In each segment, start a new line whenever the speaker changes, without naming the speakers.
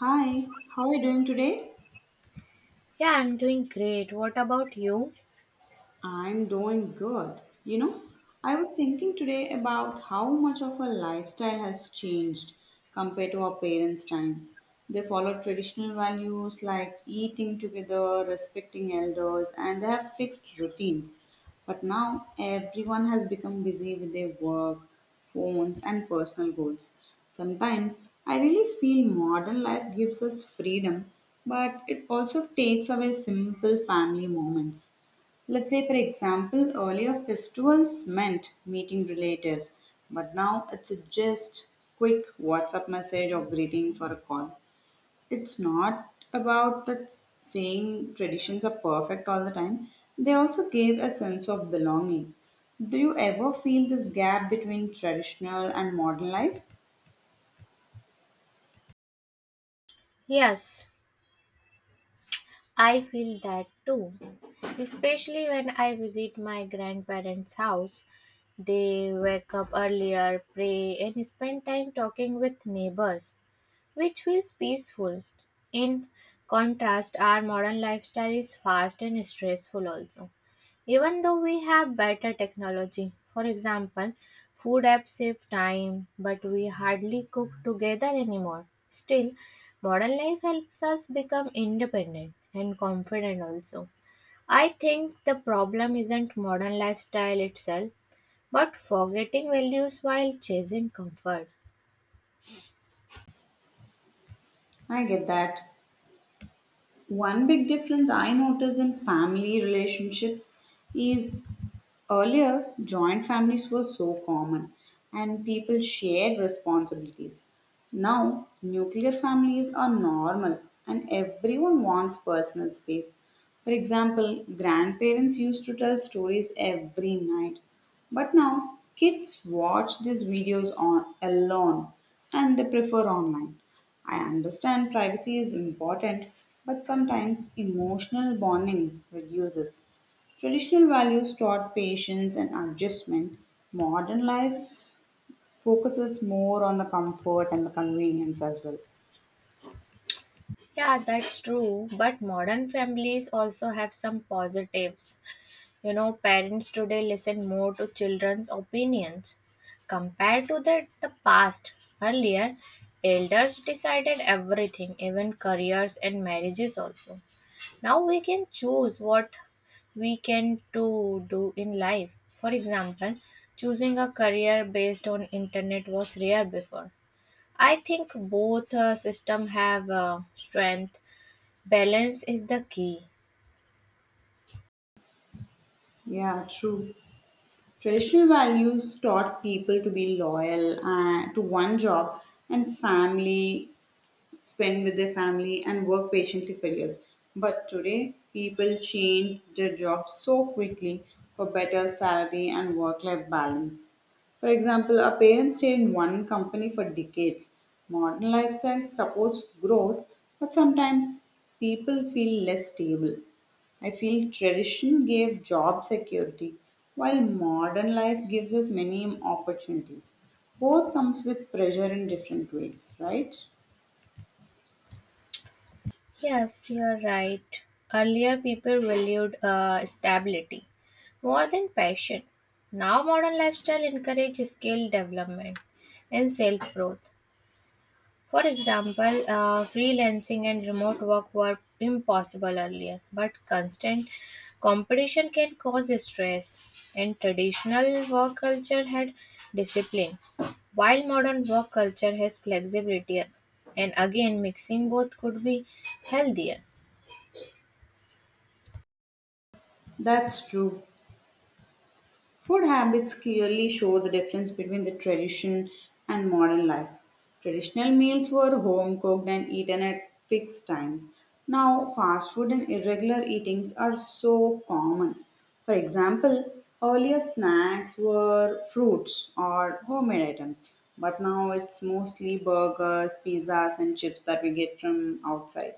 Hi, how are you doing today?
Yeah, I'm doing great. What about you?
I'm doing good. You know, I was thinking today about how much of our lifestyle has changed compared to our parents' time. They followed traditional values like eating together, respecting elders, and they have fixed routines. But now everyone has become busy with their work, phones, and personal goals. Sometimes I really feel modern life gives us freedom, but it also takes away simple family moments. Let's say, for example, earlier festivals meant meeting relatives, but now it's just quick WhatsApp message or greeting for a call. It's not about that saying traditions are perfect all the time, they also gave a sense of belonging. Do you ever feel this gap between traditional and modern life?
Yes, I feel that too. Especially when I visit my grandparents' house. They wake up earlier, pray, and spend time talking with neighbors, which feels peaceful. In contrast, our modern lifestyle is fast and stressful also. Even though we have better technology, for example, food apps save time, but we hardly cook together anymore. Still, modern life helps us become independent and confident also. I think the problem isn't modern lifestyle itself, but forgetting values while chasing comfort.
I get that. One big difference I notice in family relationships is earlier, joint families were so common and people shared responsibilities. Now, nuclear families are normal and everyone wants personal space. For example, grandparents used to tell stories every night, but now kids watch these videos on alone and they prefer online. I understand privacy is important, but sometimes emotional bonding reduces. Traditional values taught patience and adjustment. Modern life focuses more on the comfort and the convenience as well.
Yeah, that's true, but modern families also have some positives. You know, parents today listen more to children's opinions compared to the past. Earlier, elders decided everything, even careers and marriages also. Now we can choose what we can to do in life. For example, choosing a career based on internet was rare before. I think both system have strength. Balance is the key.
Yeah, true. Traditional values taught people to be loyal to one job and family spend with their family, and work patiently for years. But today, people change their jobs so quickly for better salary and work life balance. For example, a parent stayed in one company for decades. Modern lifestyle supports growth, but sometimes people feel less stable. I feel tradition gave job security, while modern life gives us many opportunities. Both comes with pressure in different ways, right?
Yes, you're right. Earlier, people valued stability more than passion. Now, modern lifestyle encourages skill development and self growth. For example, freelancing and remote work were impossible earlier, but constant competition can cause stress. And traditional work culture had discipline, while modern work culture has flexibility. And again, mixing both could be healthier.
That's true. Food habits clearly show the difference between the tradition and modern life. Traditional meals were home cooked and eaten at fixed times. Now, fast food and irregular eatings are so common. For example, earlier snacks were fruits or homemade items, but now it's mostly burgers, pizzas, and chips that we get from outside.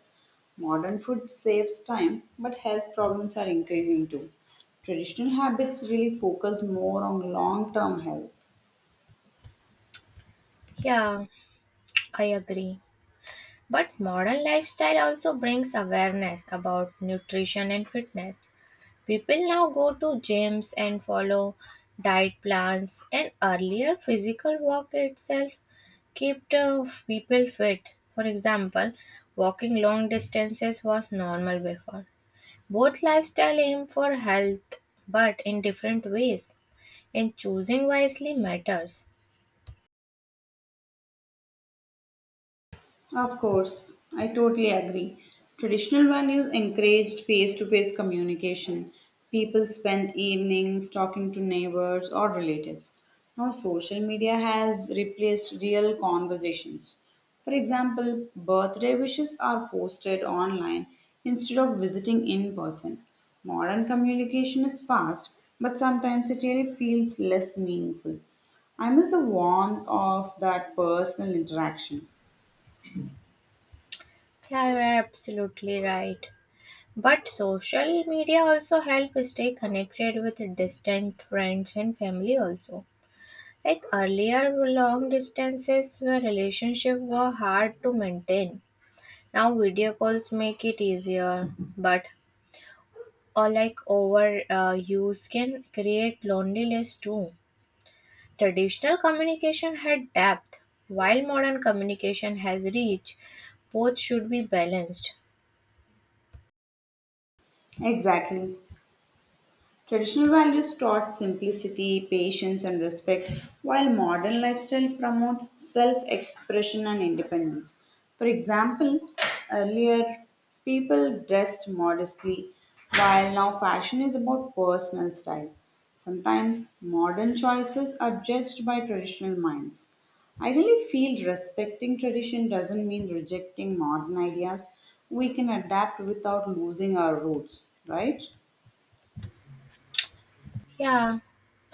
Modern food saves time, but health problems are increasing too. Traditional habits really focus more on long term health.
Yeah, I agree. But modern lifestyle also brings awareness about nutrition and fitness. People now go to gyms and follow diet plans, and earlier physical work itself kept people fit. For example, walking long distances was normal before. Both lifestyle aim for health, but in different ways, and choosing wisely matters.
Of course, I totally agree. Traditional values encouraged face to face communication. People spent evenings talking to neighbors or relatives. Now, social media has replaced real conversations. For example, birthday wishes are posted online instead of visiting in person. Modern communication is fast, but sometimes it really feels less meaningful. I miss the warmth of that personal interaction.
Yeah, you are absolutely right. But social media also help stay connected with distant friends and family also. Like earlier long distances where relationship were hard to maintain. Now video calls make it easier, but or like over use can create loneliness too. Traditional communication had depth, while modern communication has reach. Both should be balanced.
Exactly. Traditional values taught simplicity, patience, and respect, while modern lifestyle promotes self expression and independence. For example, earlier people dressed modestly, while now fashion is about personal style. Sometimes modern choices are judged by traditional minds. I really feel respecting tradition doesn't mean rejecting modern ideas. We can adapt without losing our roots, right?
Yeah,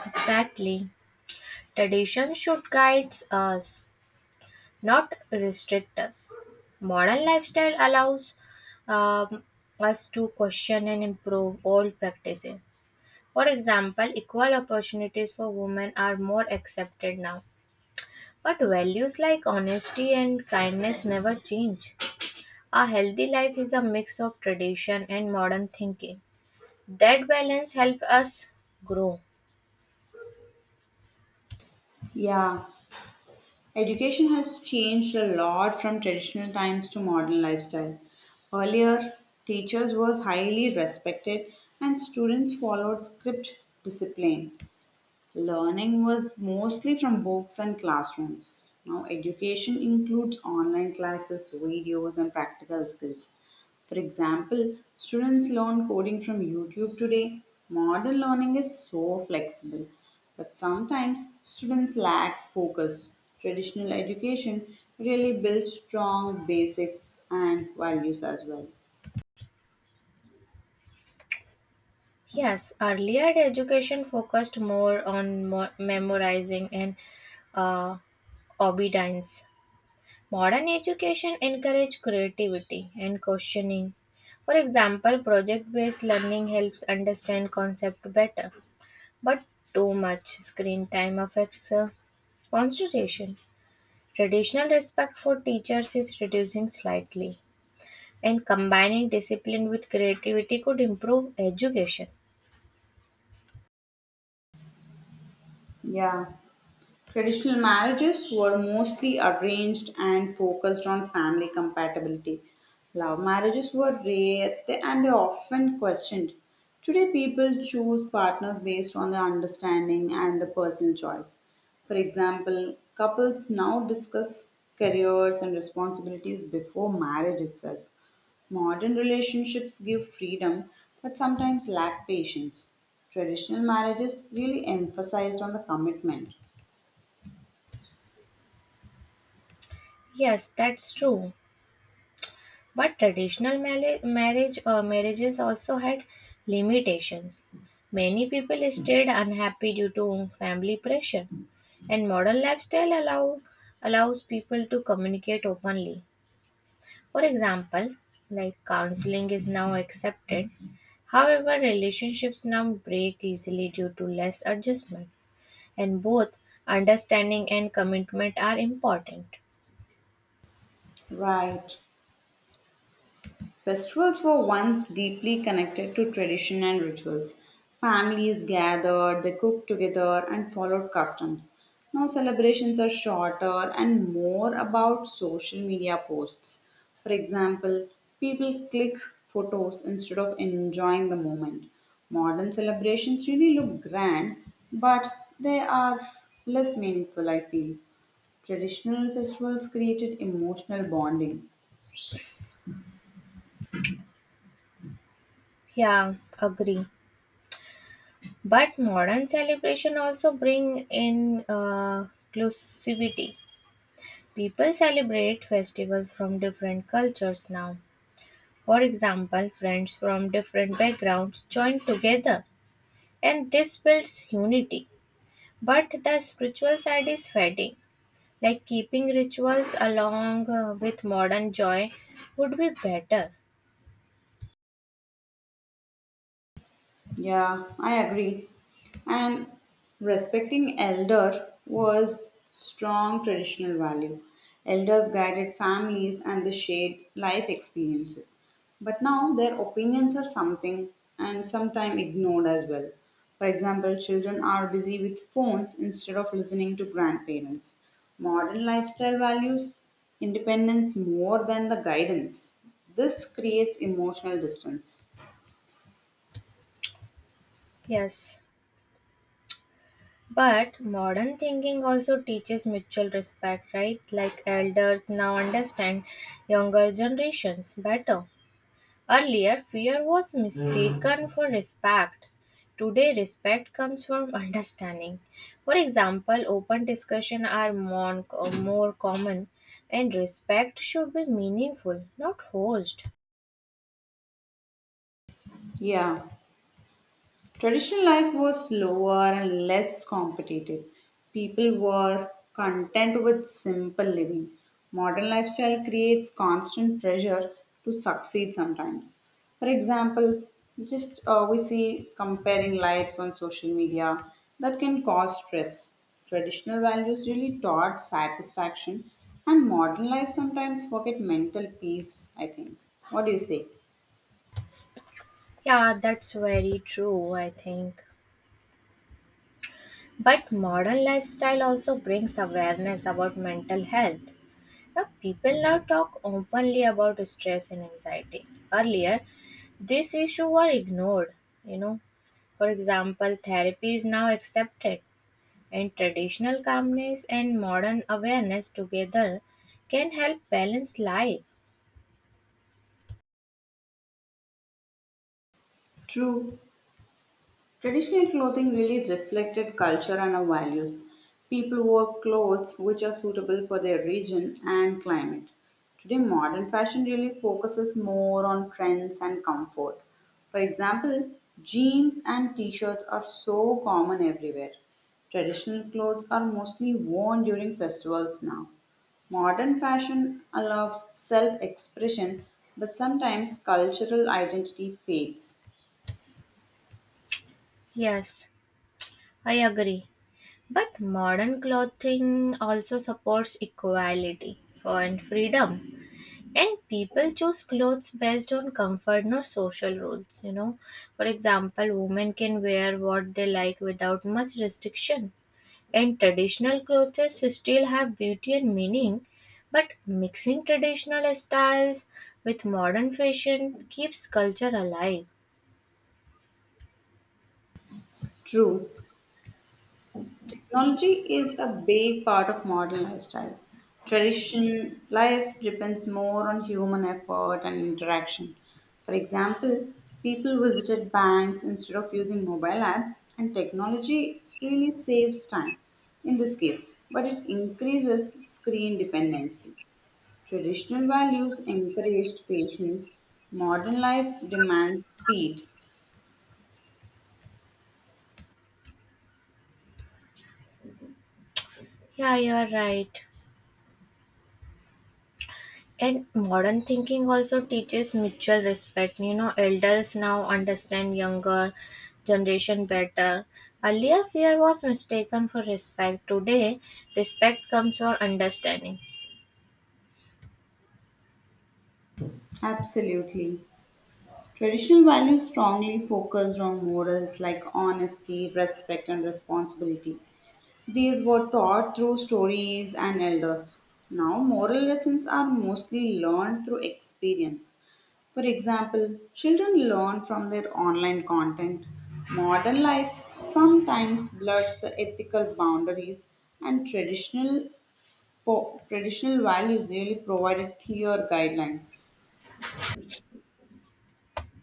exactly. Tradition should guide us, not restrict us. Modern lifestyle allows um, us to question and improve old practices. For example, equal opportunities for women are more accepted now. But values like honesty and kindness never change. A healthy life is a mix of tradition and modern thinking. That balance helps us grow.
Yeah, education has changed a lot from traditional times to modern lifestyle. Earlier, teachers was highly respected and students followed strict discipline. Learning was mostly from books and classrooms. Now, education includes online classes, videos, and practical skills. For example, students learn coding from YouTube today. Modern learning is so flexible, but sometimes students lack focus. Traditional education really builds strong basics and values as well.
Yes, earlier the education focused more on memorizing and uh, obedience. Modern education encourages creativity and questioning. For example, project based learning helps understand concept better, but too much screen time affects concentration. Traditional respect for teachers is reducing slightly, and combining discipline with creativity could improve education.
Yeah. Traditional marriages were mostly arranged and focused on family compatibility. Love marriages were rare and they often questioned. Today, people choose partners based on their understanding and the personal choice. For example, couples now discuss careers and responsibilities before marriage itself. Modern relationships give freedom but sometimes lack patience. Traditional marriages really emphasized on the commitment.
Yes, that's true. But traditional marriages also had limitations. Many people stayed unhappy due to family pressure, and modern lifestyle allows people to communicate openly. For example, like counseling is now accepted. However, relationships now break easily due to less adjustment, and both understanding and commitment are important.
Right. Festivals were once deeply connected to tradition and rituals. Families gathered, they cooked together, and followed customs. Now celebrations are shorter and more about social media posts. For example, people click photos instead of enjoying the moment. Modern celebrations really look grand, but they are less meaningful, I feel. Traditional festivals created emotional bonding.
Yeah, agree. But modern celebration also bring in inclusivity. People celebrate festivals from different cultures now. For example, friends from different backgrounds join together, and this builds unity. But the spiritual side is fading. Like keeping rituals along with modern joy would be better.
Yeah, I agree. And respecting elder was strong traditional value. Elders guided families and they shared life experiences. But now their opinions are something and sometimes ignored as well. For example, children are busy with phones instead of listening to grandparents. Modern lifestyle values independence more than the guidance. This creates emotional distance.
Yes. But modern thinking also teaches mutual respect, right? Like elders now understand younger generations better. Earlier, fear was mistaken for respect. Today, respect comes from understanding. For example, open discussion are more common, and respect should be meaningful, not forced.
Yeah. Traditional life was slower and less competitive. People were content with simple living. Modern lifestyle creates constant pressure to succeed sometimes. For example, just we see comparing lives on social media that can cause stress. Traditional values really taught satisfaction, and modern life sometimes forget mental peace, I think. What do you say?
Yeah, that's very true, I think. But modern lifestyle also brings awareness about mental health. Now, people now talk openly about stress and anxiety. Earlier, this issue were ignored. You know, for example, therapy is now accepted, and traditional calmness and modern awareness together can help balance life.
True, traditional clothing really reflected culture and our values. People wore clothes which are suitable for their region and climate. Today, modern fashion really focuses more on trends and comfort. For example, jeans and t shirts are so common everywhere. Traditional clothes are mostly worn during festivals now. Modern fashion allows self expression, but sometimes cultural identity fades.
Yes, I agree. But modern clothing also supports equality and freedom. And people choose clothes based on comfort, not social rules, For example, women can wear what they like without much restriction. And traditional clothes still have beauty and meaning, but mixing traditional styles with modern fashion keeps culture alive.
True, technology is a big part of modern lifestyle. Tradition life depends more on human effort and interaction. For example, people visited banks instead of using mobile apps, and technology really saves time in this case, but it increases screen dependency. Traditional values encouraged patience, modern life demands speed.
Yeah, you are right. And modern thinking also teaches mutual respect. You know, elders now understand younger generation better. Earlier, fear was mistaken for respect. Today, respect comes from understanding.
Absolutely. Traditional values strongly focused on morals like honesty, respect, and responsibility. These were taught through stories and elders. Now, moral lessons are mostly learned through experience. For example, children learn from their online content. Modern life sometimes blurs the ethical boundaries, and traditional, traditional values really provided clear guidelines.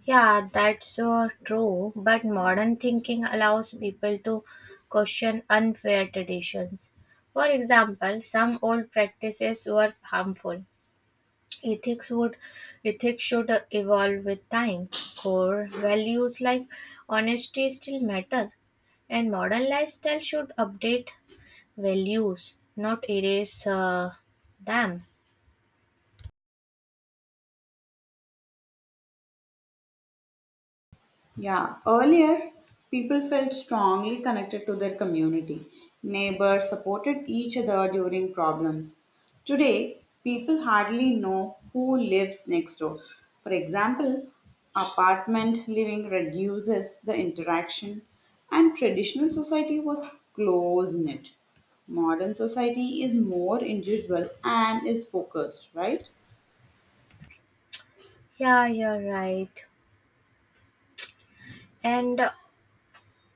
Yeah, that's so true. But modern thinking allows people to question unfair traditions. For example, some old practices were harmful. Ethics would Ethics should evolve with time. Core values like honesty still matter, and modern lifestyle should update values, not erase them.
Yeah, earlier people felt strongly connected to their community. Neighbors supported each other during problems. Today, people hardly know who lives next door. For example, apartment living reduces the interaction, and traditional society was close knit. Modern society is more individual and is focused, right?
Yeah, you're right. And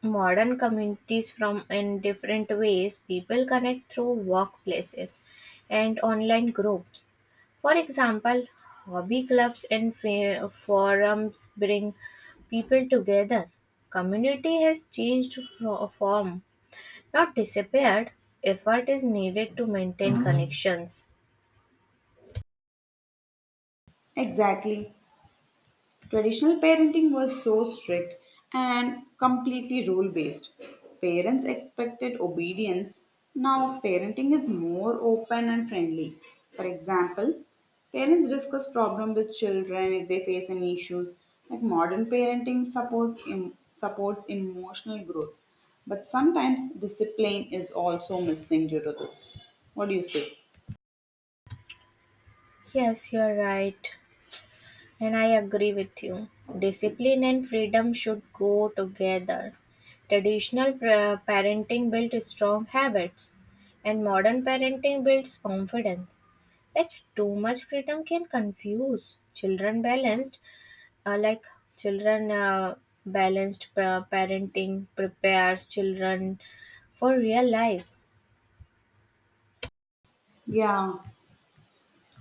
modern communities from in different ways, people connect through workplaces and online groups. For example, hobby clubs and forums bring people together. Community has changed form, not disappeared. Effort is needed to maintain connections.
Exactly. Traditional parenting was so strict and completely rule based. Parents expected obedience. Now, parenting is more open and friendly. For example, parents discuss problems with children if they face any issues. Like modern parenting supports emotional growth. But sometimes discipline is also missing due to this. What do you say?
Yes, you're right, and I agree with you. Discipline and freedom should go together. Traditional parenting built strong habits, and modern parenting builds confidence. Like too much freedom can confuse children balanced like children balanced parenting prepares children for real life.
Yeah,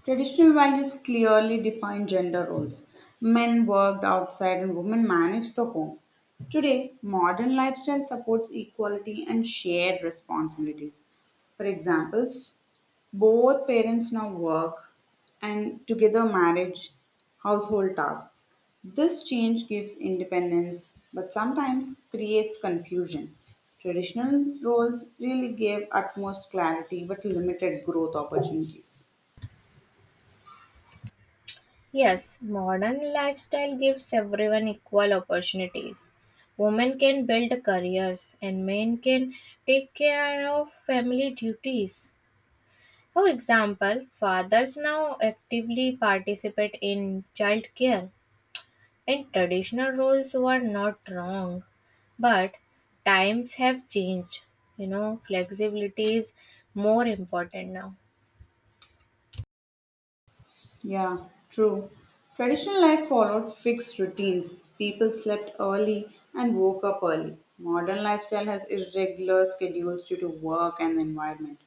traditional values clearly define gender roles. Men worked outside and women managed the home. Today, modern lifestyle supports equality and shared responsibilities. For examples, both parents now work and together manage household tasks. This change gives independence but sometimes creates confusion. Traditional roles really gave utmost clarity but limited growth opportunities.
Yes, modern lifestyle gives everyone equal opportunities. Women can build careers and men can take care of family duties. For example, fathers now actively participate in child care. And traditional roles were not wrong, but times have changed. You know, flexibility is more important now.
Yeah, true. Traditional life followed fixed routines. People slept early and woke up early. Modern lifestyle has irregular schedules due to work and the environment.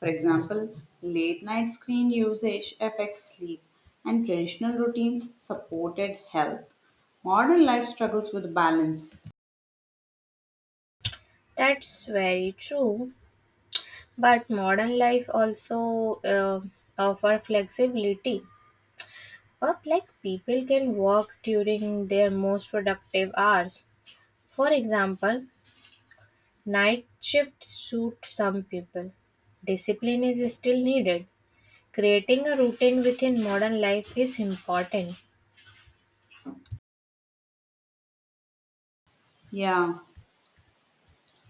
For example, late night screen usage affects sleep, and traditional routines supported health. Modern life struggles with balance.
That's very true. But modern life also offer flexibility. Up like people can work during their most productive hours. For example, night shifts suit some people. Discipline is still needed. Creating a routine within modern life is important.
Yeah.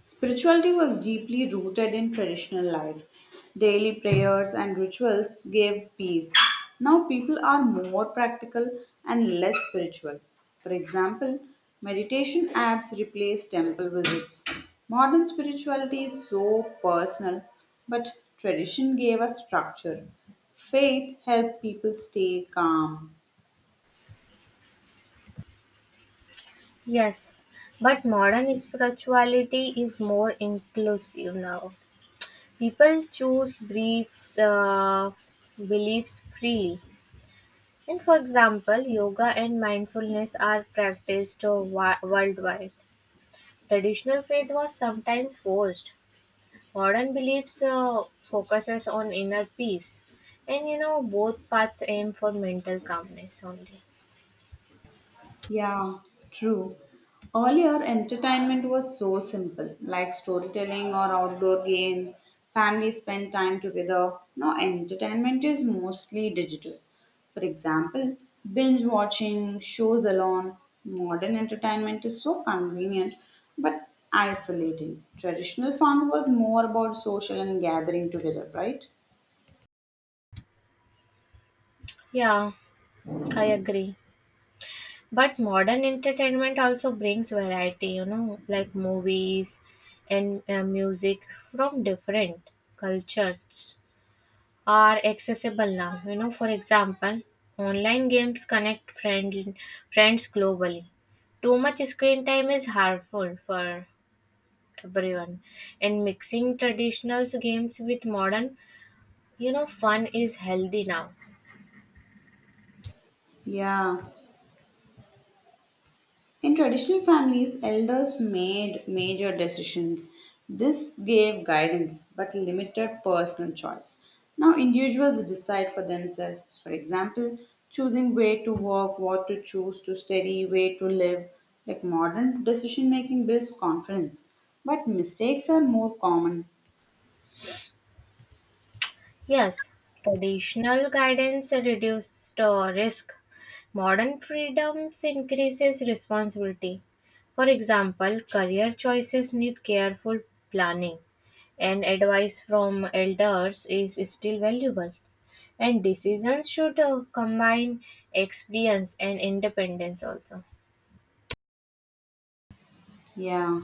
Spirituality was deeply rooted in traditional life. Daily prayers and rituals gave peace. Now people are more practical and less spiritual. For example, meditation apps replace temple visits. Modern spirituality is so personal, but tradition gave us structure. Faith helped people stay calm.
Yes, but modern spirituality is more inclusive now. People choose beliefs freely. And for example, yoga and mindfulness are practiced worldwide. Traditional faith was sometimes forced. Modern beliefs focuses on inner peace. And you know, both paths aim for mental calmness only.
Yeah, true. Earlier, entertainment was so simple, like storytelling or outdoor games. Families spent time together. Now, entertainment is mostly digital. For example, binge watching shows alone. Modern entertainment is so convenient but isolating. Traditional fun was more about social and gathering together, right?
Yeah, I agree. But modern entertainment also brings variety, you know, like movies and music from different cultures are accessible now. You know, for example, online games connect friends globally. Too much screen time is harmful for everyone, and mixing traditional games with modern, you know, fun is healthy now.
Yeah. In traditional families, elders made major decisions. This gave guidance but limited personal choice. Now, individuals decide for themselves. For example, choosing where to work, what to choose to study, where to live. Like modern decision making builds confidence, but mistakes are more common.
Yes, traditional guidance reduced risk. Modern freedoms increases responsibility. For example, career choices need careful planning, and advice from elders is still valuable. And decisions should combine experience and independence also.
Yeah.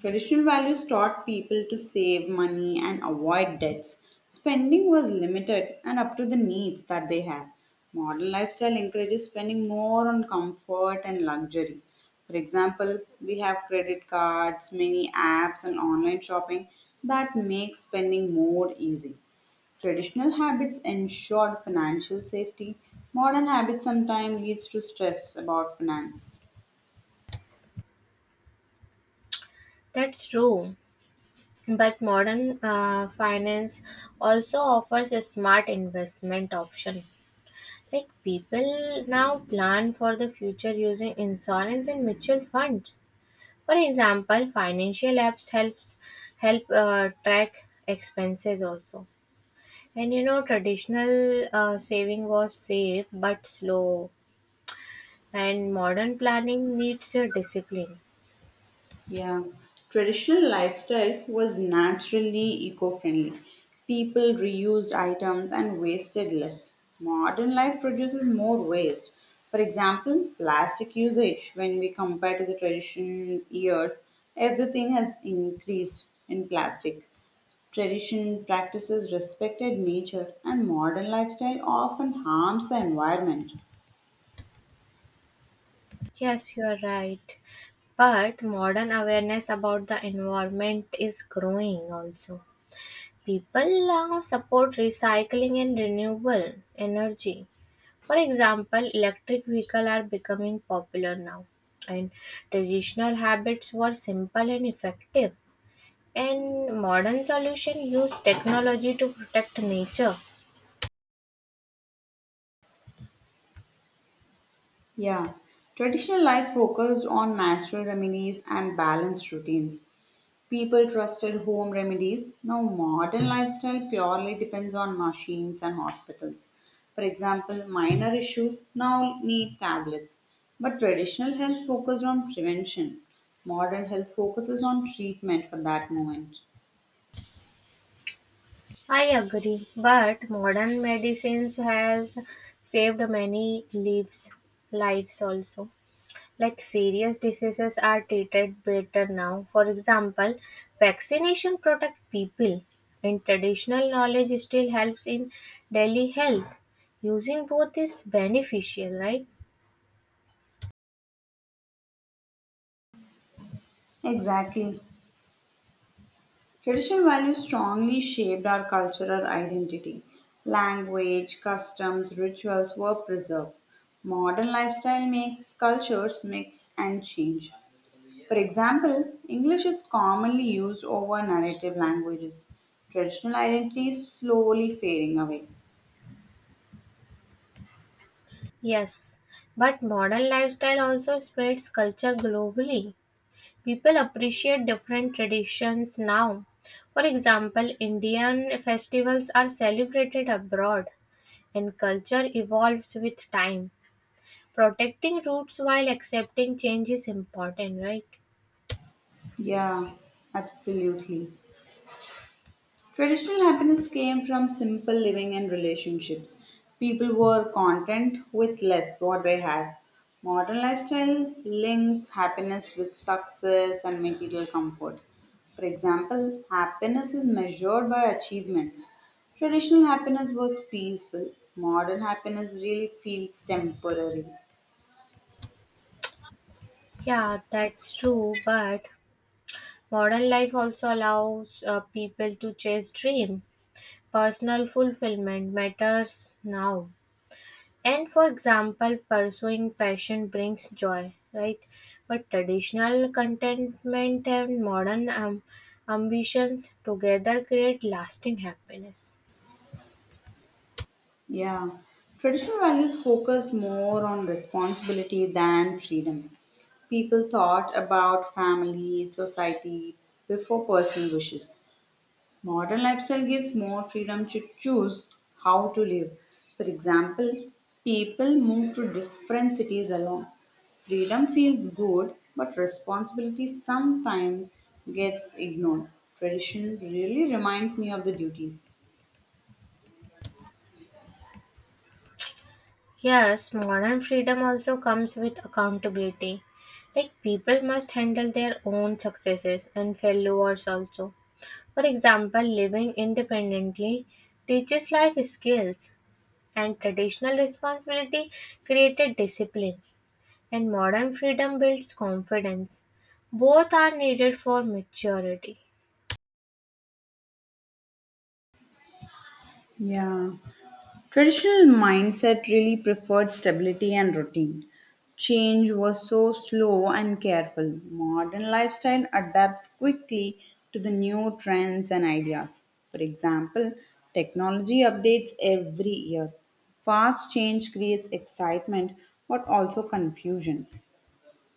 Traditional values taught people to save money and avoid debts. Spending was limited and up to the needs that they had. Modern lifestyle encourages spending more on comfort and luxury. For example, we have credit cards, many apps, and online shopping that makes spending more easy. Traditional habits ensured financial safety. Modern habits sometimes leads to stress about finance.
That's true. But modern finance also offers a smart investment option. Like people now plan for the future using insurance and mutual funds. For example, financial apps help track expenses also. And you know, traditional saving was safe but slow, and modern planning needs a discipline.
Yeah, traditional lifestyle was naturally eco-friendly. People reused items and wasted less. Modern life produces more waste. For example, plastic usage, when we compare to the traditional years, everything has increased in plastic. Tradition practices respected nature, and modern lifestyle often harms the environment.
Yes, you are right. But modern awareness about the environment is growing also. People now support recycling and renewable energy. For example, electric vehicles are becoming popular now, and traditional habits were simple and effective. And modern solutions use technology to protect nature.
Yeah, traditional life focused on natural remedies and balanced routines. People trusted home remedies. Now, modern lifestyle purely depends on machines and hospitals. For example, minor issues now need tablets. But traditional health focused on prevention. Modern health focuses on treatment for that moment.
I agree, but modern medicines has saved many lives also. Like serious diseases are treated better now. For example, vaccination protect people and traditional knowledge still helps in daily health. Using both is beneficial, right?
Exactly. Traditional values strongly shaped our cultural identity. Language, customs, rituals were preserved. Modern lifestyle makes cultures mix and change. For example, English is commonly used over native languages. Traditional identity is slowly fading away.
Yes. But modern lifestyle also spreads culture globally. People appreciate different traditions now. For example, Indian festivals are celebrated abroad and culture evolves with time. Protecting roots while accepting change is important, right?
Yeah, absolutely. Traditional happiness came from simple living and relationships. People were content with less what they had. Modern lifestyle links happiness with success and material comfort. For example, happiness is measured by achievements. Traditional happiness was peaceful. Modern happiness really feels temporary.
Yeah, that's true, but modern life also allows people to chase dream. Personal fulfillment matters now. And for example, pursuing passion brings joy, right? But traditional contentment and modern ambitions together create lasting happiness.
Yeah, traditional values focused more on responsibility than freedom. People thought about family, society before personal wishes. Modern lifestyle gives more freedom to choose how to live. For example, people move to different cities alone. Freedom feels good, but responsibility sometimes gets ignored. Tradition really reminds me of the duties.
Yes, modern freedom also comes with accountability. Like people must handle their own successes and failures also. For example, living independently teaches life skills, and traditional responsibility created discipline, and modern freedom builds confidence. Both are needed for maturity.
Yeah. Traditional mindset really preferred stability and routine. Change was so slow and careful. Modern lifestyle adapts quickly to the new trends and ideas. For example, technology updates every year. Fast change creates excitement but also confusion.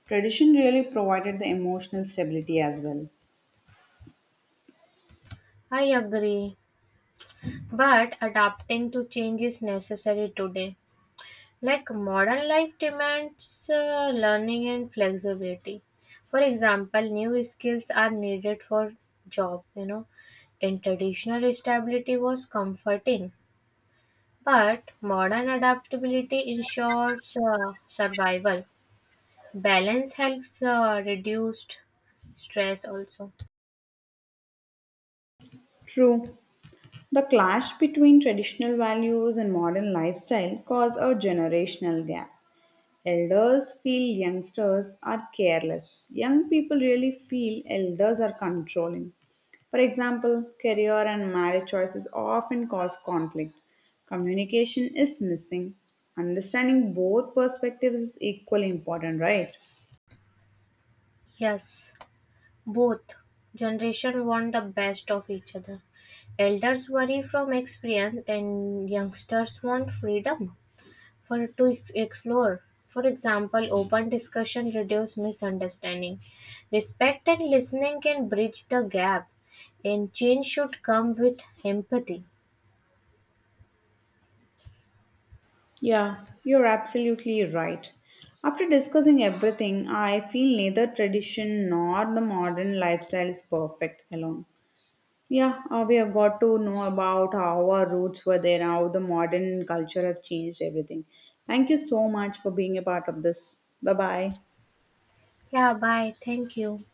Tradition really provided the emotional stability as well.
I agree, but adapting to change is necessary today. Like modern life demands learning and flexibility. For example, new skills are needed for job, you know. In traditional stability was comforting, but modern adaptability ensures survival. Balance helps reduced stress also.
True. The clash between traditional values and modern lifestyle caused a generational gap. Elders feel youngsters are careless. Young people really feel elders are controlling. For example, career and marriage choices often cause conflict. Communication is missing. Understanding both perspectives is equally important, right?
Yes, both generation want the best of each other. Elders worry from experience and youngsters want freedom for to explore. For example, open discussion reduce misunderstanding. Respect and listening can bridge the gap, and change should come with empathy.
Yeah, you're absolutely right. After discussing everything, I feel neither tradition nor the modern lifestyle is perfect alone. Yeah, we have got to know about how our roots were there, how the modern culture have changed everything. Thank you so much for being a part of this. Bye bye.
Yeah, bye. Thank you.